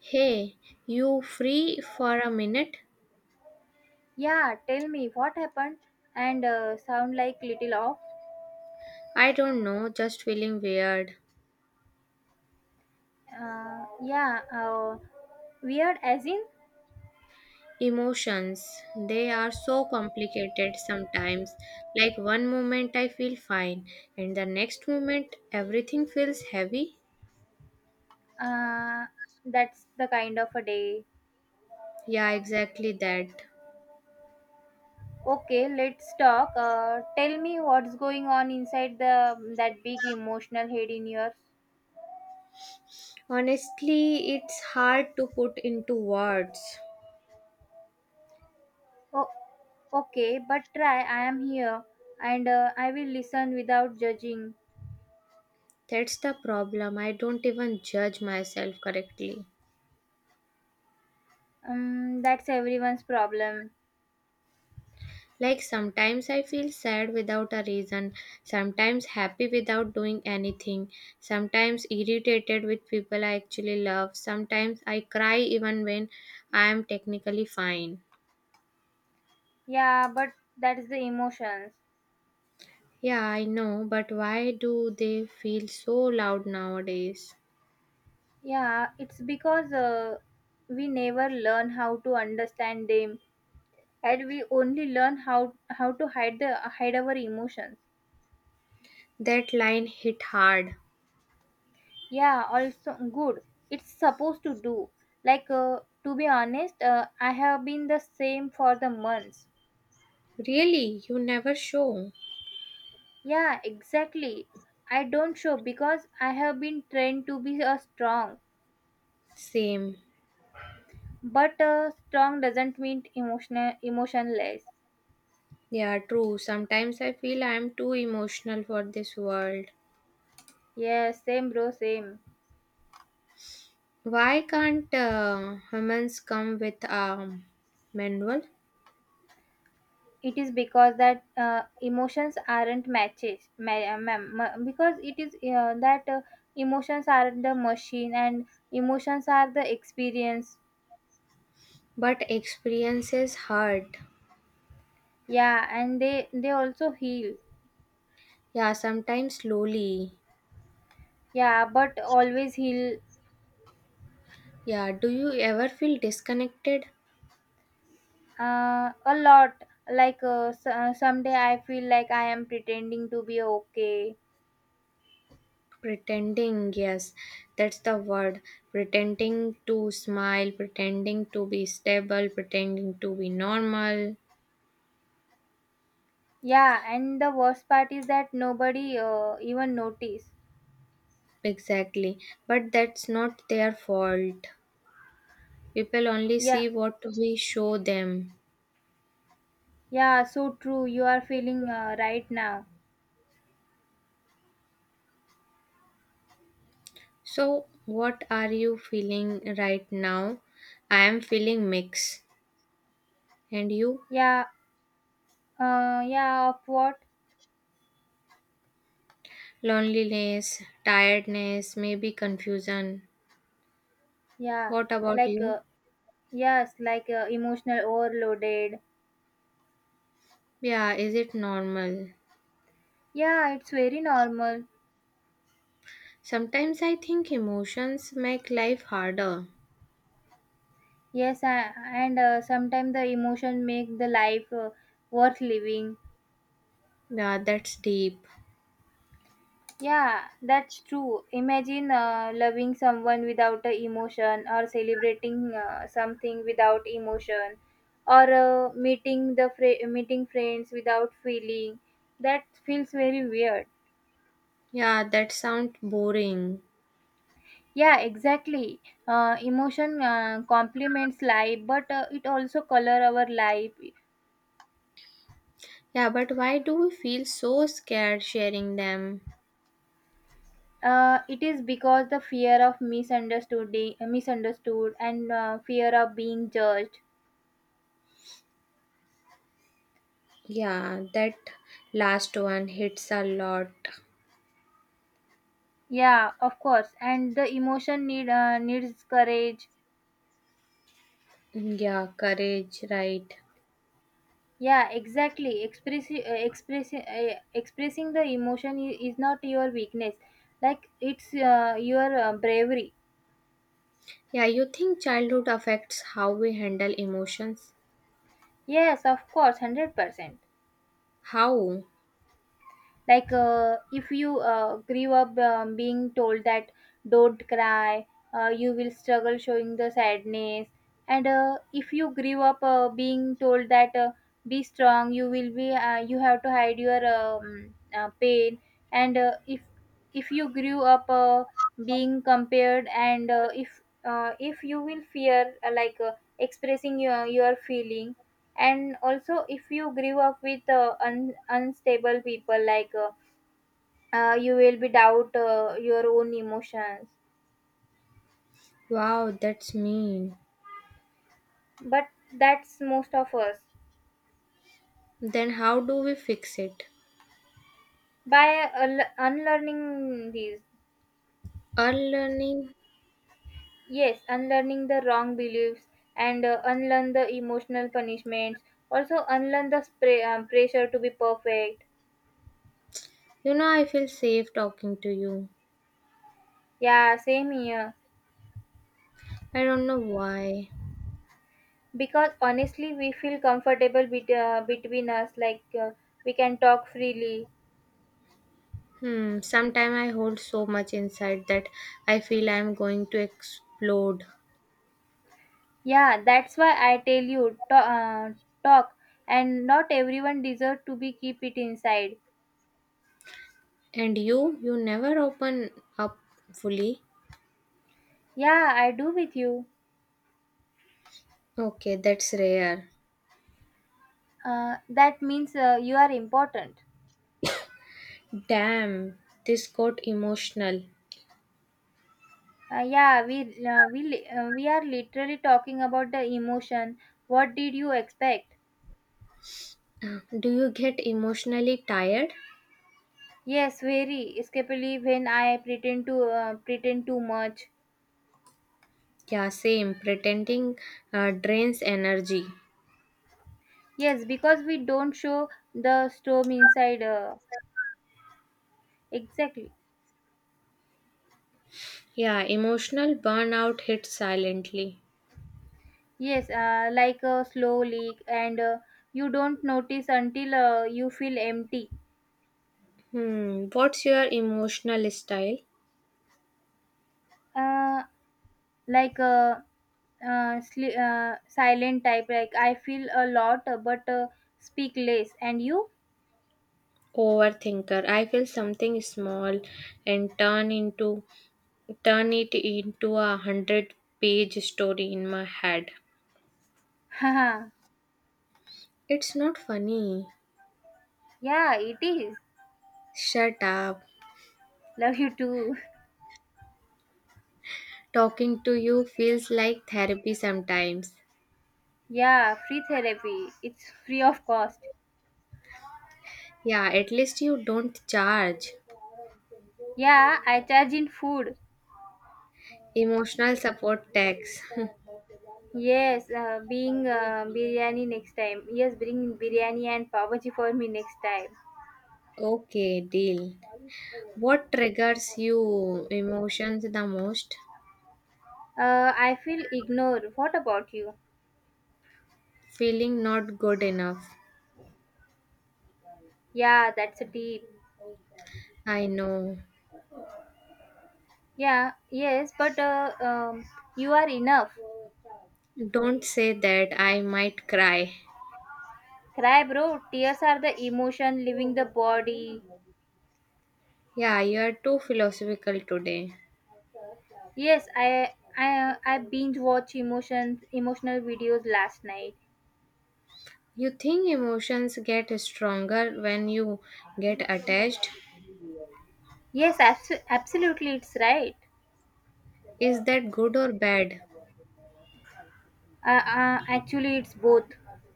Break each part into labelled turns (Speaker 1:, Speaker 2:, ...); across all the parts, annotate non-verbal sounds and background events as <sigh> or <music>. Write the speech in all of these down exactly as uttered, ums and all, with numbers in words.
Speaker 1: Hey, you free for a minute?
Speaker 2: Yeah, tell me what happened and uh, sound like little off.
Speaker 1: I don't know, just feeling weird.
Speaker 2: Uh, yeah, uh, weird as in
Speaker 1: Emotions, they are so complicated sometimes. Like one moment I feel fine, and the next moment everything feels heavy.
Speaker 2: uh, that's the kind of a day.
Speaker 1: Yeah, exactly that.
Speaker 2: Okay, let's talk. Uh, tell me what's going on inside the that big emotional head in yours.
Speaker 1: Honestly, it's hard to put into words.
Speaker 2: Oh, okay, but try. I am here and uh, I will listen without judging.
Speaker 1: That's the problem. I don't even judge myself correctly.
Speaker 2: Um, that's everyone's problem.
Speaker 1: Like sometimes I feel sad without a reason, sometimes happy without doing anything, sometimes irritated with people I actually love, sometimes I cry even when I am technically fine.
Speaker 2: Yeah, but that's the emotions.
Speaker 1: Yeah, I know, but why do they feel so loud nowadays?
Speaker 2: Yeah, it's because uh, we never learn how to understand them, and we only learn how how to hide the hide our emotions.
Speaker 1: That line hit hard.
Speaker 2: Yeah, also good. It's supposed to do. Like uh, to be honest, uh, I have been the same for the months.
Speaker 1: Really, you never show.
Speaker 2: Yeah, exactly. I don't show because I have been trained to be a strong,
Speaker 1: Same.
Speaker 2: but uh, strong doesn't mean emotional emotionless.
Speaker 1: Yeah, true. Sometimes I feel I am too emotional for this world.
Speaker 2: Yes, same bro, same.
Speaker 1: Why can't uh, humans come with a manual?
Speaker 2: It is because that uh, emotions aren't matches ma- uh, ma- ma- because it is uh, that uh, emotions are the machine and emotions are the experience.
Speaker 1: But experiences hurt.
Speaker 2: Yeah and they they also heal.
Speaker 1: Yeah, sometimes slowly.
Speaker 2: Yeah, but always heal.
Speaker 1: Yeah, do you ever feel disconnected?
Speaker 2: Uh, a lot. Like uh, so, uh, someday I feel like I am pretending to be okay.
Speaker 1: Pretending, yes, that's the word. Pretending to smile, pretending to be stable, pretending to be normal.
Speaker 2: Yeah, and the worst part is that nobody uh, even notice.
Speaker 1: Exactly. But that's not their fault. People only
Speaker 2: Yeah,
Speaker 1: see what we show them.
Speaker 2: yeah, so true. You are feeling uh, right now.
Speaker 1: So, what are you feeling right now? I am feeling mix. And you?
Speaker 2: Yeah. Uh, yeah, of what?
Speaker 1: Loneliness, tiredness, maybe confusion.
Speaker 2: Yeah,
Speaker 1: What about
Speaker 2: like,
Speaker 1: you?
Speaker 2: uh, yes, like uh, emotional overloaded.
Speaker 1: Yeah, is it normal?
Speaker 2: Yeah, it's very normal.
Speaker 1: Sometimes I think emotions make life harder.
Speaker 2: Yes, I, and uh, sometimes the emotion make the life uh, worth living.
Speaker 1: Yeah, that's deep.
Speaker 2: Yeah, that's true. Imagine uh, loving someone without a emotion, or celebrating uh, something without emotion, or uh, meeting the fr- meeting friends without feeling. That feels very weird.
Speaker 1: Yeah, that sounds boring.
Speaker 2: Yeah, exactly. Uh, emotion uh, complements life, but uh, it also color our life.
Speaker 1: Yeah, but why do we feel so scared sharing them?
Speaker 2: Uh, it is because the fear of misunderstood, misunderstood, and uh, fear of being judged.
Speaker 1: Yeah, that last one hits a lot.
Speaker 2: Yeah, of course. And the emotion need uh, needs courage.
Speaker 1: Yeah, courage, right.
Speaker 2: Yeah, exactly. Expressing uh, expressing uh, expressing the emotion i- is not your weakness. Like it's uh, your uh, bravery.
Speaker 1: Yeah, you think childhood affects how we handle emotions?
Speaker 2: Yes, of course, hundred percent.
Speaker 1: How?
Speaker 2: Like uh, if you uh, grew up um, being told that don't cry, uh, you will struggle showing the sadness. And uh, if you grew up uh, being told that uh, be strong, you will be uh, you have to hide your um, uh, pain. And uh, if if you grew up uh, being compared, and uh, if uh, if you will fear uh, like uh, expressing your, your feeling. And also if you grew up with uh, un- unstable people. Like uh, uh, you will be doubt uh, your own emotions.
Speaker 1: Wow, that's mean.
Speaker 2: But that's most of us.
Speaker 1: Then how do we fix it?
Speaker 2: By uh, unlearning these.
Speaker 1: Our learning.
Speaker 2: Yes, unlearning the wrong beliefs, and uh, unlearn the emotional punishments. Also unlearn the spray, um, pressure to be perfect.
Speaker 1: You know, I feel safe talking to you.
Speaker 2: Yeah, same here.
Speaker 1: I don't know why.
Speaker 2: Because honestly we feel comfortable bet- uh, between us. Like uh, we can talk freely.
Speaker 1: Hmm, sometimes I hold so much inside that I feel I'm going to explode.
Speaker 2: Yeah, that's why I tell you to, uh, talk, and not everyone deserve to be keep it inside.
Speaker 1: And you, you never open up fully.
Speaker 2: Yeah, I do with you.
Speaker 1: Okay, that's rare.
Speaker 2: Uh, that means uh, you are important.
Speaker 1: Damn, this got emotional.
Speaker 2: Uh, yeah, we uh, we li- uh, we are literally talking about the emotion. What did you expect?
Speaker 1: Do you get emotionally tired?
Speaker 2: Yes, very. Escapely when I pretend to uh, pretend too much.
Speaker 1: Yeah, same. Pretending uh, drains energy.
Speaker 2: Yes, because we don't show the storm inside. Uh, exactly.
Speaker 1: Yeah, emotional burnout hits silently.
Speaker 2: Yes, uh, like a slow leak, and uh, you don't notice until uh, you feel empty.
Speaker 1: Hmm, what's your emotional style?
Speaker 2: Uh, like a uh, uh, sli- uh, silent type. Like I feel a lot uh, but uh, speak less. And you?
Speaker 1: Overthinker. I feel something small and turn into turn it into a hundred page story in my head.
Speaker 2: <laughs> Haha.
Speaker 1: It's not funny.
Speaker 2: yeah, it is.
Speaker 1: Shut up.
Speaker 2: Love you too. <laughs>
Speaker 1: Talking to you feels like therapy sometimes.
Speaker 2: Yeah, free therapy. It's free of cost.
Speaker 1: Yeah, at least you don't charge.
Speaker 2: Yeah, I charge in food.
Speaker 1: Emotional support tax. <laughs>
Speaker 2: Yes, uh, being uh, biryani next time. Yes, bring biryani and pav bhaji for me next time.
Speaker 1: Okay, deal. What triggers you emotions the most?
Speaker 2: Uh, I feel ignored. What about you?
Speaker 1: Feeling not good enough.
Speaker 2: Yeah, that's a deep.
Speaker 1: I know.
Speaker 2: Yeah, yes, but uh, um, you are enough.
Speaker 1: Don't say that. I might cry.
Speaker 2: Cry, bro. Tears are the emotion leaving the body.
Speaker 1: Yeah, you are too philosophical today.
Speaker 2: Yes, I I I binge watch emotions emotional videos last night.
Speaker 1: You think emotions get stronger when you get attached?
Speaker 2: Yes, abso- absolutely, it's right.
Speaker 1: Is that good or bad?
Speaker 2: Uh, uh, actually it's both.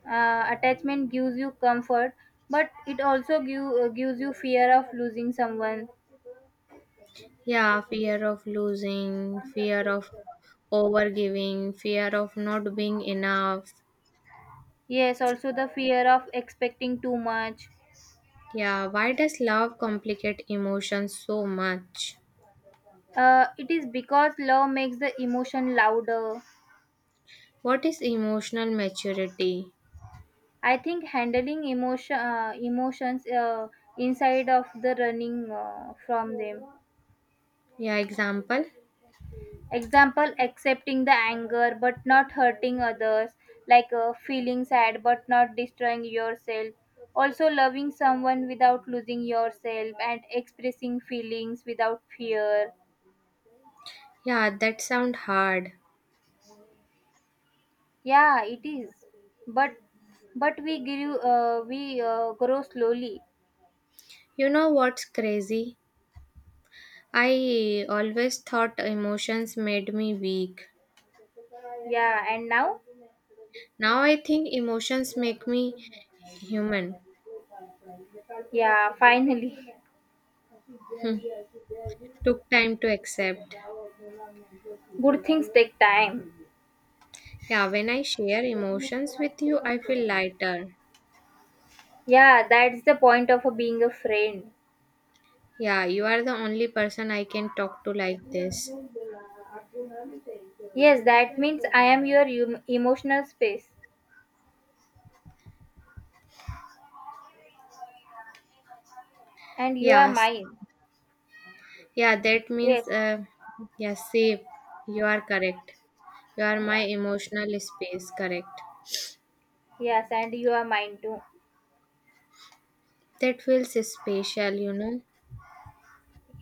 Speaker 2: uh, Attachment gives you comfort, but it also give, uh, gives you fear of losing someone.
Speaker 1: Yeah, fear of losing, fear of overgiving, fear of not being enough.
Speaker 2: Yes, also the fear of expecting too much.
Speaker 1: Yeah, why does love complicate emotions so much?
Speaker 2: Uh, it is because love makes the emotion louder.
Speaker 1: What is emotional maturity?
Speaker 2: I think handling emotion uh, emotions uh, inside of the running uh, from them.
Speaker 1: Yeah, example?
Speaker 2: Example, accepting the anger but not hurting others, like uh, feeling sad but not destroying yourself. Also, loving someone without losing yourself, and expressing feelings without fear.
Speaker 1: Yeah, that sound hard.
Speaker 2: Yeah, it is. But but we grew, uh, we uh, grow slowly.
Speaker 1: You know what's crazy? I always thought emotions made me weak.
Speaker 2: Yeah, and now,
Speaker 1: Now I think emotions make me human.
Speaker 2: yeah, finally,
Speaker 1: Took time to accept.
Speaker 2: good things take time.
Speaker 1: Yeah, when I share emotions with you, I feel lighter.
Speaker 2: Yeah, that's the point of being a friend.
Speaker 1: Yeah, you are the only person I can talk to like this.
Speaker 2: Yes, that means I am your em- emotional space, and you are
Speaker 1: Yes,
Speaker 2: mine.
Speaker 1: yeah, that means,
Speaker 2: Yes,
Speaker 1: uh, yeah, safe. You are correct. You are my
Speaker 2: yeah,
Speaker 1: emotional space, correct.
Speaker 2: yes, and you are mine too.
Speaker 1: That feels special, you know.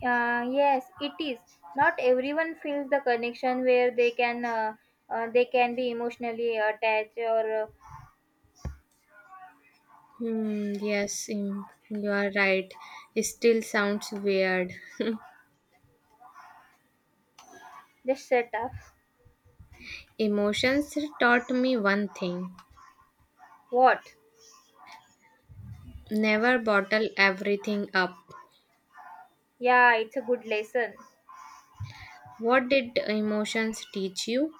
Speaker 2: Uh, yes, it is. Not everyone feels the connection where they can uh, uh, they can be emotionally attached or uh,
Speaker 1: Hmm, yes, mm, you are right. It still sounds weird.
Speaker 2: just shut up.
Speaker 1: <laughs> Emotions taught me one thing:
Speaker 2: What?
Speaker 1: never bottle everything up.
Speaker 2: Yeah, it's a good lesson.
Speaker 1: What did emotions teach you?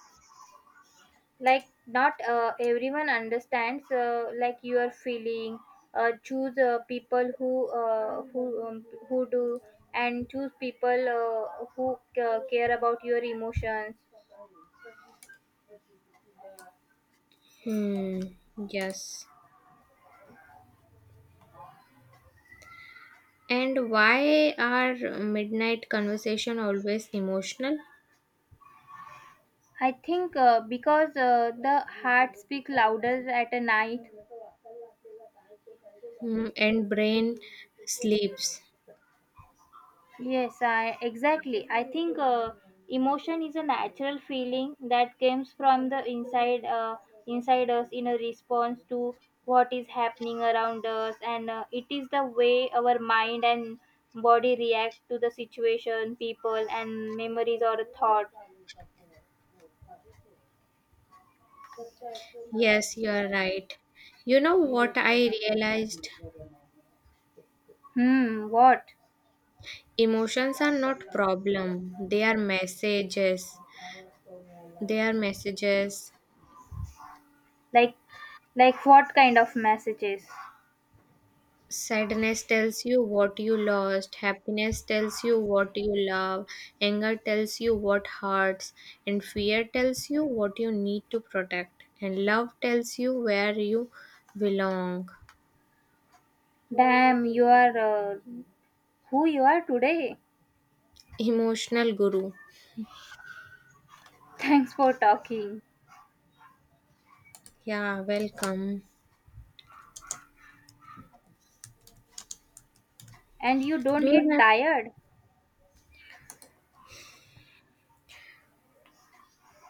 Speaker 2: Like not uh, everyone understands uh, like your feeling. Uh, choose uh, people who uh, who um, who do, and choose people uh, who uh, care about your emotions.
Speaker 1: Hmm, yes. And why are midnight conversation always emotional?
Speaker 2: I think uh, because uh, the heart speak louder at a night.
Speaker 1: Mm, and brain sleeps.
Speaker 2: Yes, I exactly. I think uh, emotion is a natural feeling that comes from the inside uh, inside us, in a response to what is happening around us, and uh, it is the way our mind and body react to the situation, people, and memories or thought.
Speaker 1: Yes, you are right. You know what I realized?
Speaker 2: Hmm. What?
Speaker 1: Emotions are not problem. They are messages. They are messages.
Speaker 2: Like like what kind of messages?
Speaker 1: Sadness tells you what you lost. Happiness tells you what you love. Anger tells you what hurts. And fear tells you what you need to protect. And love tells you where you belong.
Speaker 2: Damn, you are uh, who you are today.
Speaker 1: Emotional guru.
Speaker 2: <laughs> Thanks for talking.
Speaker 1: Yeah, welcome.
Speaker 2: And you don't
Speaker 1: Do you
Speaker 2: get
Speaker 1: have
Speaker 2: tired.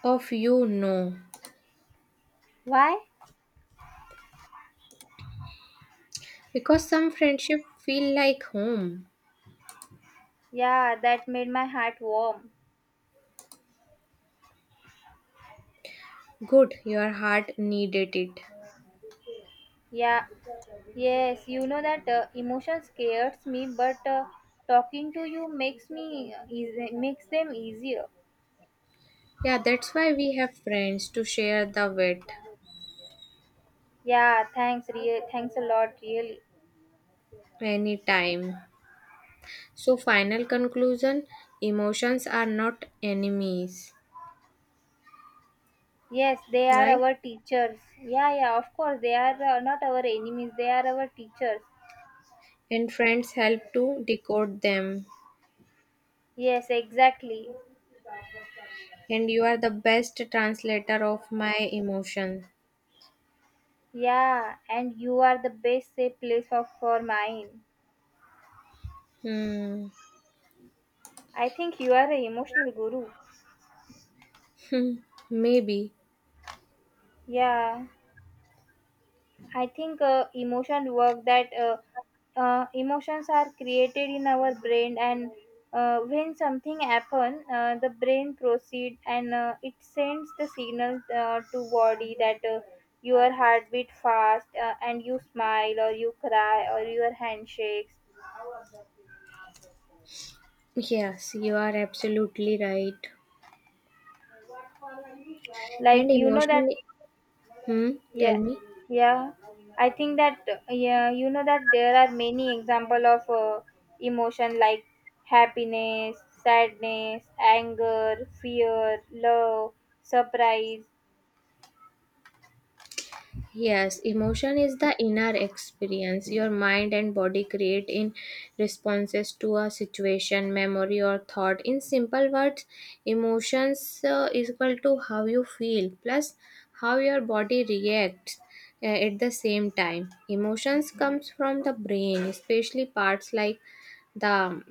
Speaker 1: Of you, no.
Speaker 2: Why?
Speaker 1: Because some friendship feel like home.
Speaker 2: Yeah, that made my heart warm.
Speaker 1: Good, your heart needed it.
Speaker 2: Yeah, yes, you know that uh, emotion scares me, but uh, talking to you makes me uh, easy, makes them easier.
Speaker 1: Yeah, that's why we have friends to share the wet
Speaker 2: Yeah, thanks, real, thanks a lot, really.
Speaker 1: anytime. So, final conclusion: emotions are not enemies,
Speaker 2: Yes, they are
Speaker 1: right?
Speaker 2: our teachers. Yeah, yeah, of course, they are uh, not our enemies. They are our teachers.
Speaker 1: And friends help to decode them.
Speaker 2: Yes, exactly.
Speaker 1: And you are the best translator of my emotion.
Speaker 2: Yeah, and you are the best safe place for, for mine.
Speaker 1: Hmm.
Speaker 2: I think you are an emotional guru.
Speaker 1: <laughs> Maybe.
Speaker 2: Yeah. I think uh, emotion work that uh, uh, emotions are created in our brain, and uh, when something happen, uh, the brain proceed, and uh, it sends the signal uh, to body that uh, your heart beat fast, uh, and you smile or you cry or your handshakes.
Speaker 1: Yes, you are absolutely right.
Speaker 2: Like
Speaker 1: And
Speaker 2: you know that.
Speaker 1: emotion Hmm, Tell
Speaker 2: Yeah,
Speaker 1: me.
Speaker 2: yeah. I think that uh, yeah, you know that there are many example of uh, emotion, like happiness, sadness, anger, fear, love, surprise.
Speaker 1: Yes, emotion is the inner experience your mind and body create in responses to a situation, memory, or thought. In simple words, emotions uh, is equal to how you feel plus how your body reacts uh, at the same time. Emotions comes from the brain, especially parts like the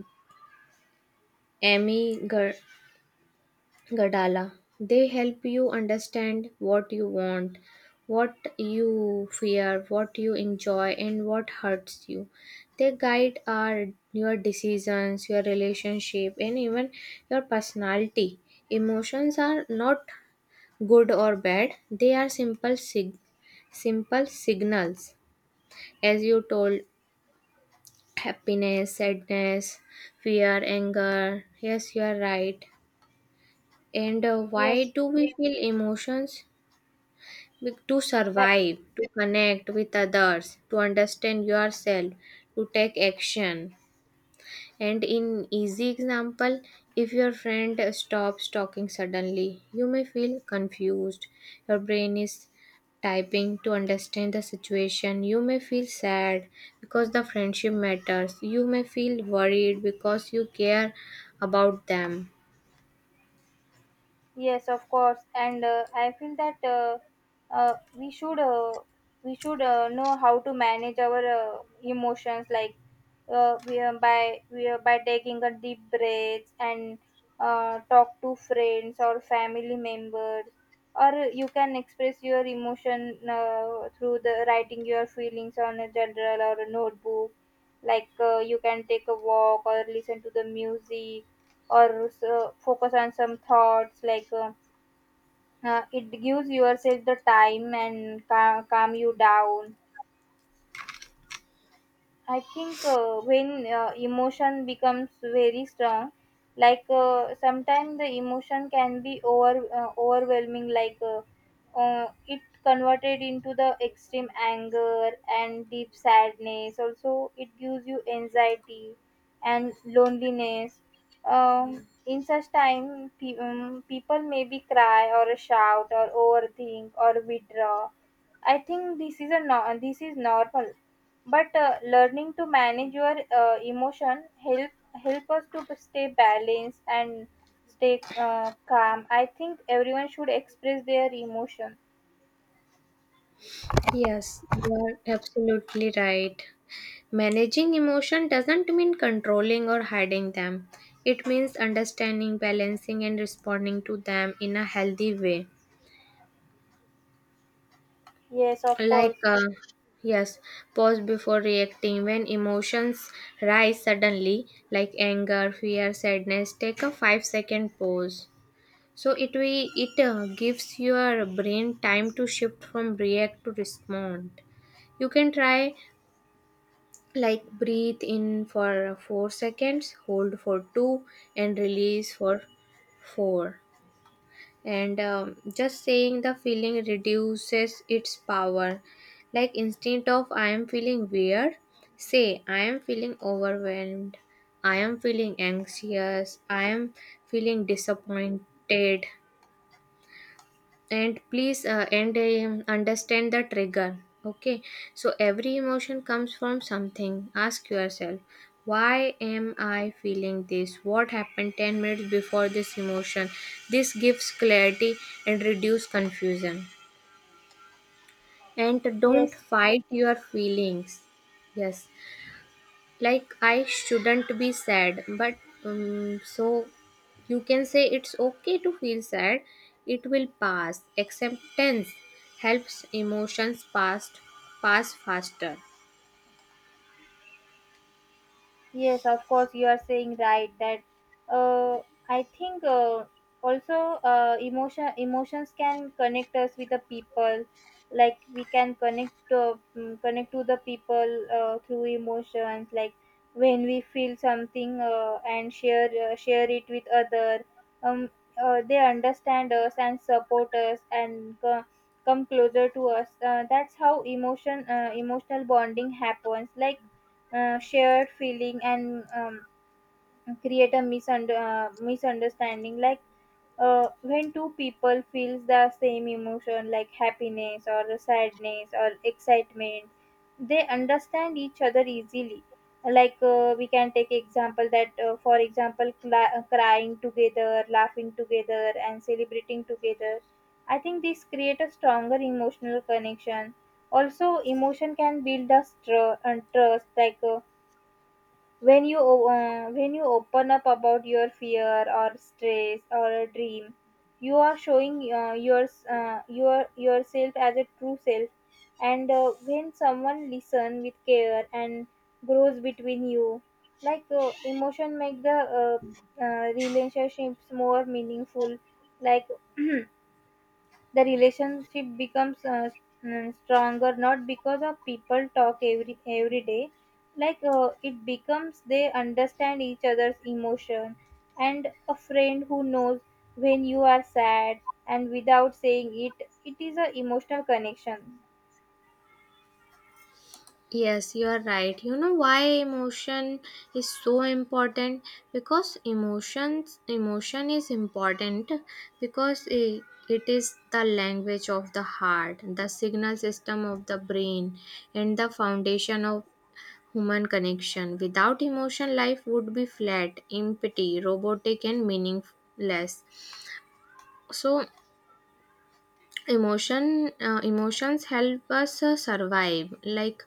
Speaker 1: amygdala Gadala. They help you understand what you want, what you fear, what you enjoy, and what hurts you. They guide our your decisions, your relationship, and even your personality. Emotions are not good or bad. They are simple sig- simple signals. As you told, happiness, sadness, fear, anger. Yes, you are right. And uh, why
Speaker 2: Yes,
Speaker 1: do we feel emotions? Be- To
Speaker 2: like.
Speaker 1: survive, to connect with others, to understand yourself, to take action. And in easy example, if your friend stops talking suddenly, you may feel confused. Your brain is typing to understand the situation. You may feel sad because the friendship matters. You may feel worried because you care about them.
Speaker 2: Yes, of course, and uh, I feel that uh, uh, we should uh, we should uh, know how to manage our uh, emotions, like uh, we are by we are by taking a deep breath, and uh, talk to friends or family members, or you can express your emotion uh, through the writing your feelings on a journal or a notebook. Like uh, you can take a walk or listen to the music, or so focus on some thoughts. Like uh, uh, it gives yourself the time and cal- calm you down. I think uh, when uh, emotion becomes very strong. Like uh, sometimes the emotion can be over uh, overwhelming, like uh, uh, it converted into the extreme anger and deep sadness. Also, it gives you anxiety and loneliness. Um, in such time, pe- um, people maybe cry or shout or overthink or withdraw. I think this is a no- this is normal, but uh, learning to manage your uh, emotion help help us to stay balanced and stay uh, calm. I think everyone should express their emotion.
Speaker 1: Yes, you are absolutely right. Managing emotion doesn't mean controlling or hiding them. It means understanding, balancing, and responding to them in a healthy way.
Speaker 2: Yes, of
Speaker 1: Like,
Speaker 2: course.
Speaker 1: uh, yes, pause before reacting. When emotions rise suddenly, like anger, fear, sadness, take a five second pause. So it we it uh, gives your brain time to shift from react to respond. You can try, like, breathe in for four seconds, hold for two, and release for four. And um, just saying the feeling reduces its power, like, instead of I am feeling weird, say I am feeling overwhelmed, I am feeling anxious, I am feeling disappointed. And please, uh, and um, understand the trigger, okay? So every emotion comes from something. Ask yourself, why am I feeling this? What happened ten minutes before this emotion? This gives clarity and reduce confusion. And don't
Speaker 2: Yes.
Speaker 1: fight your feelings. Yes, like, I shouldn't be sad, but um, so you can say, it's okay to feel sad, it will pass. Acceptance helps emotions pass pass faster.
Speaker 2: Yes, of course, you are saying right that uh, I think uh, also uh, emotion emotions can connect us with the people. Like we can connect to mm, connect to the people uh, through emotions. Like when we feel something uh, and share uh, share it with other, um, uh, they understand us and support us and co- come closer to us. Uh, that's how emotion uh, emotional bonding happens. Like uh, shared feeling, and um, create a misunder- uh, misunderstanding. Like uh, when two people feels the same emotion like happiness or the sadness or excitement, they understand each other easily. Like uh, we can take example that uh, for example, cla uh, crying together, laughing together, and celebrating together. I think this create a stronger emotional connection. Also, emotion can build us tr- and trust. Like uh, when you o- uh, when you open up about your fear or stress or a dream, you are showing uh, your, uh, your yourself as a true self. And uh, when someone listen with care and grows between you. Like uh, emotion make the uh, uh, relationships more meaningful. Like. <clears throat> The relationship becomes uh, mm, stronger, not because of people talk every every day. Like uh, it becomes they understand each other's emotion. And a friend who knows when you are sad, and without saying it, it is a emotional connection.
Speaker 1: Yes, you are right. You know why emotion is so important? Because emotions emotion is important, because it, it is the language of the heart, the signal system of the brain, and the foundation of human connection. Without emotion, life would be flat, empty, robotic, and meaningless. So, emotion uh, emotions help us uh, survive. Like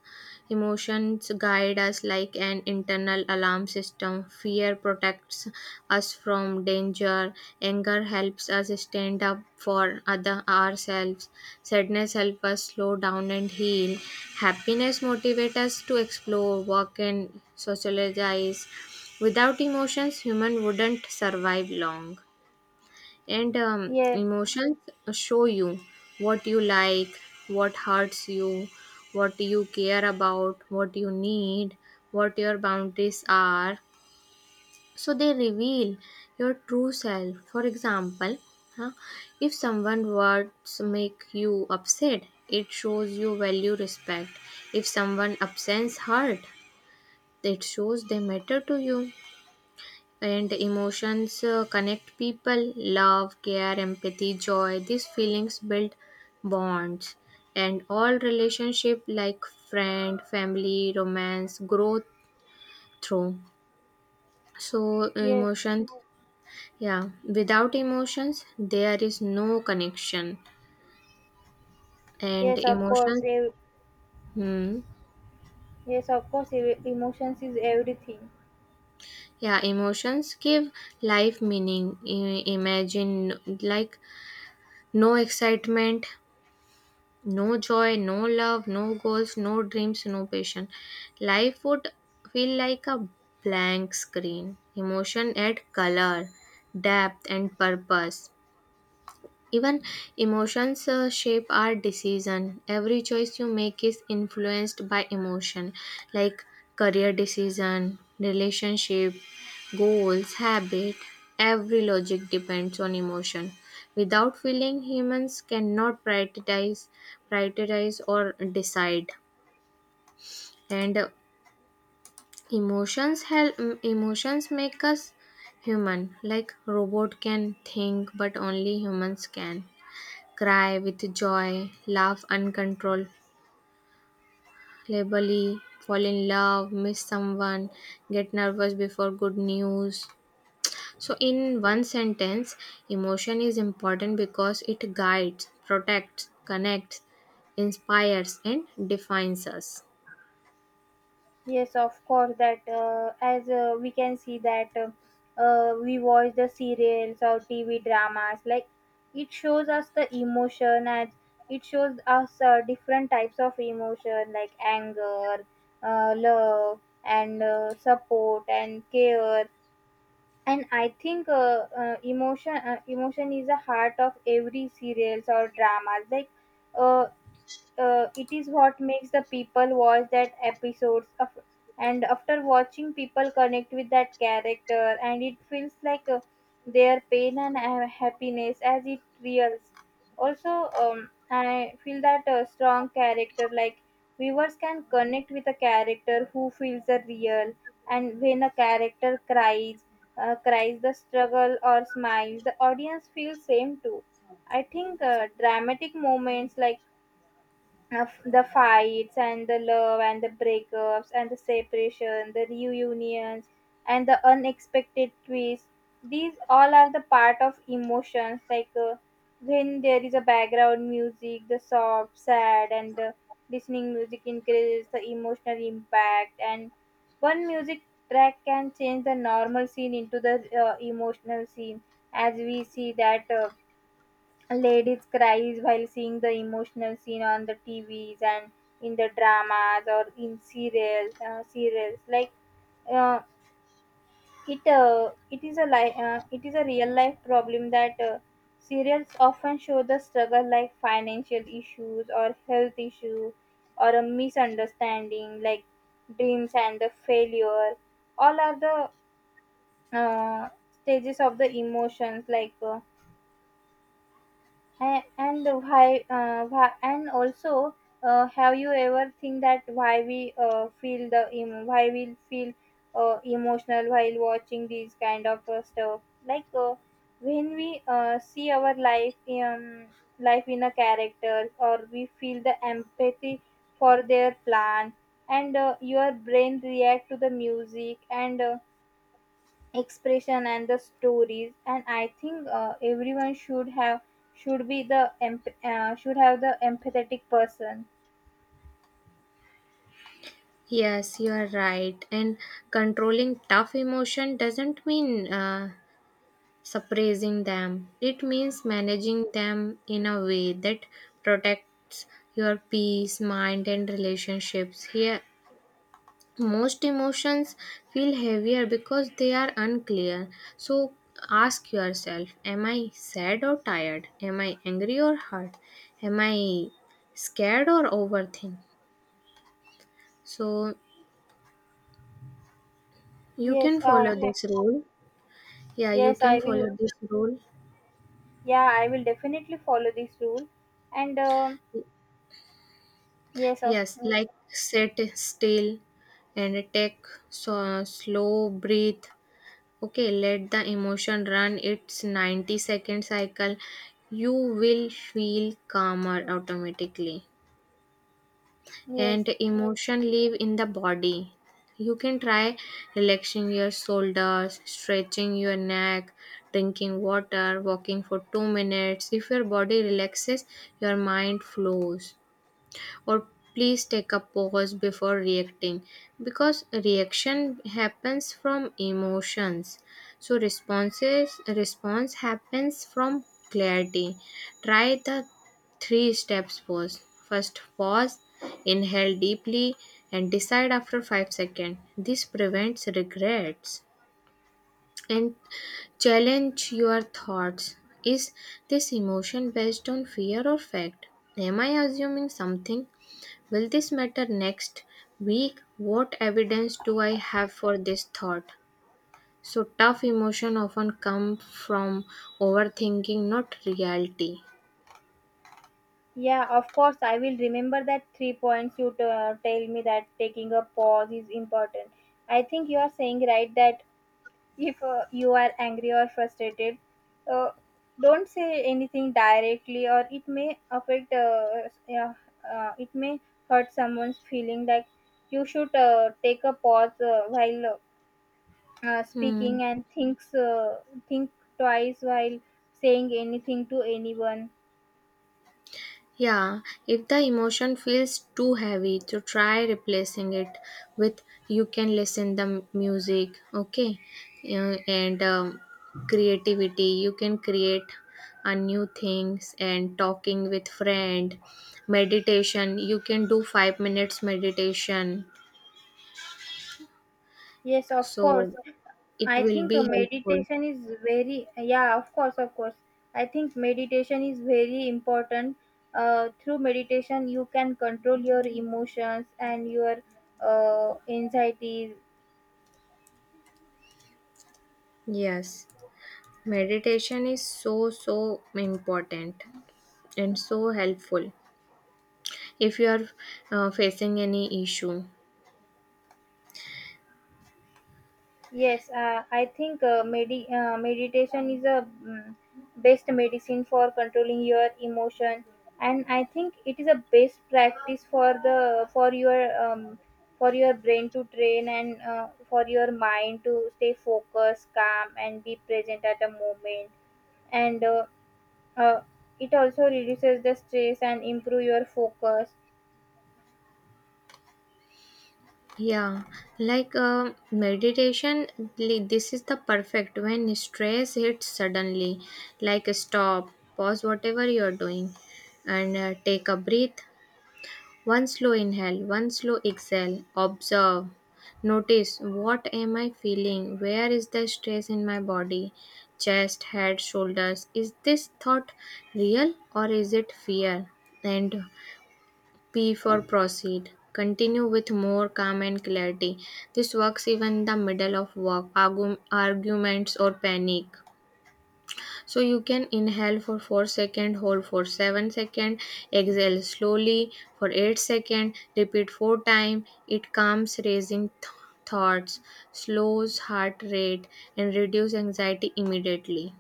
Speaker 1: emotions guide us like an internal alarm system. Fear protects us from danger. Anger helps us stand up for other ourselves. Sadness helps us slow down and heal. Happiness motivates us to explore, work, and socialize. Without emotions, human wouldn't survive long. And um,
Speaker 2: Yeah,
Speaker 1: emotions show you what you like, what hurts you, what you care about, what you need, what your boundaries are. So they reveal your true self. For example, huh, if someone words make you upset, it shows you value respect. If someone absence hurt, it shows they matter to you. And emotions uh, connect people. Love, care, empathy, joy, these feelings build bonds. And all relationship like friend, family, romance grow through. So
Speaker 2: yes,
Speaker 1: emotions, yeah, without emotions there is no connection. And
Speaker 2: yes, of course.
Speaker 1: emotions,
Speaker 2: Ev-
Speaker 1: hmm,
Speaker 2: Yes, of course. Ev- Emotions is everything.
Speaker 1: yeah, emotions give life meaning. I- imagine, like, no excitement, no joy, no love, no goals, no dreams, no passion. Life would feel like a blank screen. Emotion add color, depth, and purpose. Even emotions uh, shape our decision. Every choice you make is influenced by emotion, like career decision, relationship, goals, habit. Every logic depends on emotion. Without feeling, humans cannot prioritize, prioritize or decide. And uh, emotions help. mm, Emotions make us human. Like robot can think, but only humans can cry with joy, laugh uncontrollably, fall in love, miss someone, get nervous before good news. So, in one sentence, emotion is important because it guides, protects, connects, inspires, and defines us.
Speaker 2: Yes, of course. That uh, as uh, We can see that uh, uh, we watch the serials or T V dramas, like it shows us the emotion and it shows us uh, different types of emotion like anger, uh, love, and uh, support and care. And I think uh, uh, emotion uh, emotion is the heart of every serials or dramas. Like uh, uh, it is what makes the people watch that episodes of, and after watching people connect with that character and it feels like uh, their pain and ha- happiness as it reels also. um, I feel that a strong character, like viewers can connect with a character who feels the real. And when a character cries uh, cries the struggle or smiles, the audience feels same too. I think uh, dramatic moments like uh, the fights and the love and the breakups and the separation, the reunions and the unexpected twists. These all are the part of emotions. Like uh, when there is a background music, the soft, sad, and the listening music increases the emotional impact. And one music track can change the normal scene into the uh, emotional scene, as we see that. Uh, ladies cries while seeing the emotional scene on the T Vs and in the dramas or in serials uh, serials. Like uh, it uh, it is a li- uh, It is a real life problem that uh, serials often show the struggle like financial issues or health issue or a misunderstanding, like dreams and the failure all are the uh, stages of the emotions. Like uh, A- and why uh, Why and also, uh, have you ever think that why we uh, feel the emo- why we feel uh, emotional while watching these kind of uh, stuff, like uh, when we uh, see our life um, life in a character, or we feel the empathy for their plan. And uh, your brain react to the music and uh, expression and the stories. And I think uh, everyone should have should be the emp- uh, should have the empathetic person.
Speaker 1: Yes, you are right. And controlling tough emotion doesn't mean uh, suppressing them. It means managing them in a way that protects your peace, mind, and relationships. Here, most emotions feel heavier because they are unclear. So, ask yourself, am I sad or tired? Am I angry or hurt? Am I scared or overthink? So, you
Speaker 2: yes
Speaker 1: can
Speaker 2: uh,
Speaker 1: follow this rule. Yeah, you
Speaker 2: yes I
Speaker 1: can
Speaker 2: will.
Speaker 1: follow this rule.
Speaker 2: Yeah, I will definitely follow this rule. And um yes of
Speaker 1: Yes, like, sit still and take so, slow breathe. Okay, let the emotion run its ninety second cycle. You will feel calmer automatically.
Speaker 2: yes.
Speaker 1: And emotion live in the body. You can try relaxing your shoulders, stretching your neck, drinking water, walking for two minutes. If your body relaxes, your mind flows. Or please take a pause before reacting, because reaction happens from emotions, so responses response happens from clarity. Try the three steps pause. First, pause, inhale deeply, and decide after five seconds. This prevents regrets. And challenge your thoughts. Is this emotion based on fear or fact? Am I assuming something? Will this matter next week? What evidence do I have for this thought? So, tough emotion often come from overthinking, not reality.
Speaker 2: Yeah, of course, I will remember that three points you t- uh, tell me, that taking a pause is important. I think you are saying right that if uh, you are angry or frustrated, uh, don't say anything directly or it may affect uh, yeah, uh, it may hurt someone's feeling. Like you should uh, take a pause uh, while uh, uh,
Speaker 1: Hmm.
Speaker 2: speaking and thinks uh, think twice while saying anything to anyone.
Speaker 1: Yeah, if the emotion feels too heavy, to try replacing it with, you can listen the m- music, okay. Uh, and um, creativity. You can create a new things, and talking with friend, meditation. You can do five minutes meditation,
Speaker 2: Yes, of course.
Speaker 1: so it
Speaker 2: I
Speaker 1: will
Speaker 2: think uh,
Speaker 1: be helpful.
Speaker 2: meditation is very, yeah, of course, of course. I think meditation is very important. Uh, through meditation, you can control your emotions and your uh, anxieties.
Speaker 1: Yes, meditation is so so important and so helpful. If you are uh, facing any issue.
Speaker 2: Yes, uh, I think uh, medi- uh, meditation is a mm, best medicine for controlling your emotion, and I think it is a best practice for the for your um, for your brain to train, and uh, for your mind to stay focused, calm, and be present at a moment. And uh, uh, it also reduces the stress and improve your focus.
Speaker 1: Yeah, like uh, meditation, li- this is the perfect when stress hits suddenly. Like, stop, pause whatever you are doing, and uh, take a breath. One slow inhale, one slow exhale. Observe. Notice, what am I feeling? Where is the stress in my body? Chest, head, shoulders? Is this thought real, or is it fear? And P for proceed. Continue with more calm and clarity. This works even in the middle of work, argu- arguments, or panic. So you can inhale for four seconds, hold for seven seconds, exhale slowly for eight seconds, repeat four times. It calms raising th- thoughts, slows heart rate, and reduce anxiety immediately.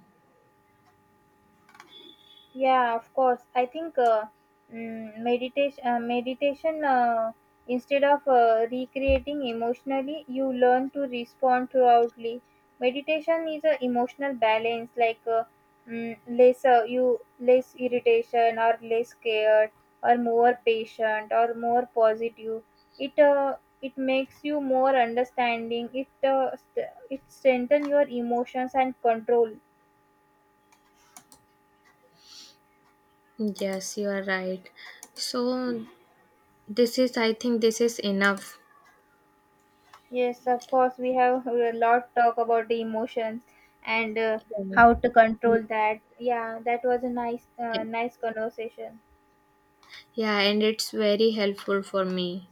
Speaker 2: Yeah, of course. I think uh, mm, meditation, uh, meditation, uh, instead of uh, recreating emotionally, you learn to respond throughoutly. Meditation is a emotional balance, like uh, mm, less uh, you less irritation or less scared or more patient or more positive. It uh, it makes you more understanding. It uh, st- it strengthen your emotions and control.
Speaker 1: Yes, you are right. So this is, I think, this is enough.
Speaker 2: Yes, of course, we have a lot talk about the emotions, and uh, how to control that. Yeah, that was a nice,
Speaker 1: Yeah.
Speaker 2: uh, nice conversation.
Speaker 1: Yeah, and it's very helpful for me.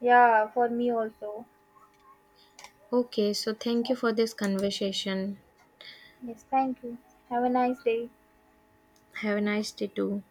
Speaker 2: Yeah, for me also.
Speaker 1: Okay, so thank you for this conversation.
Speaker 2: Yes, thank you. Have a nice day.
Speaker 1: Have a nice day too.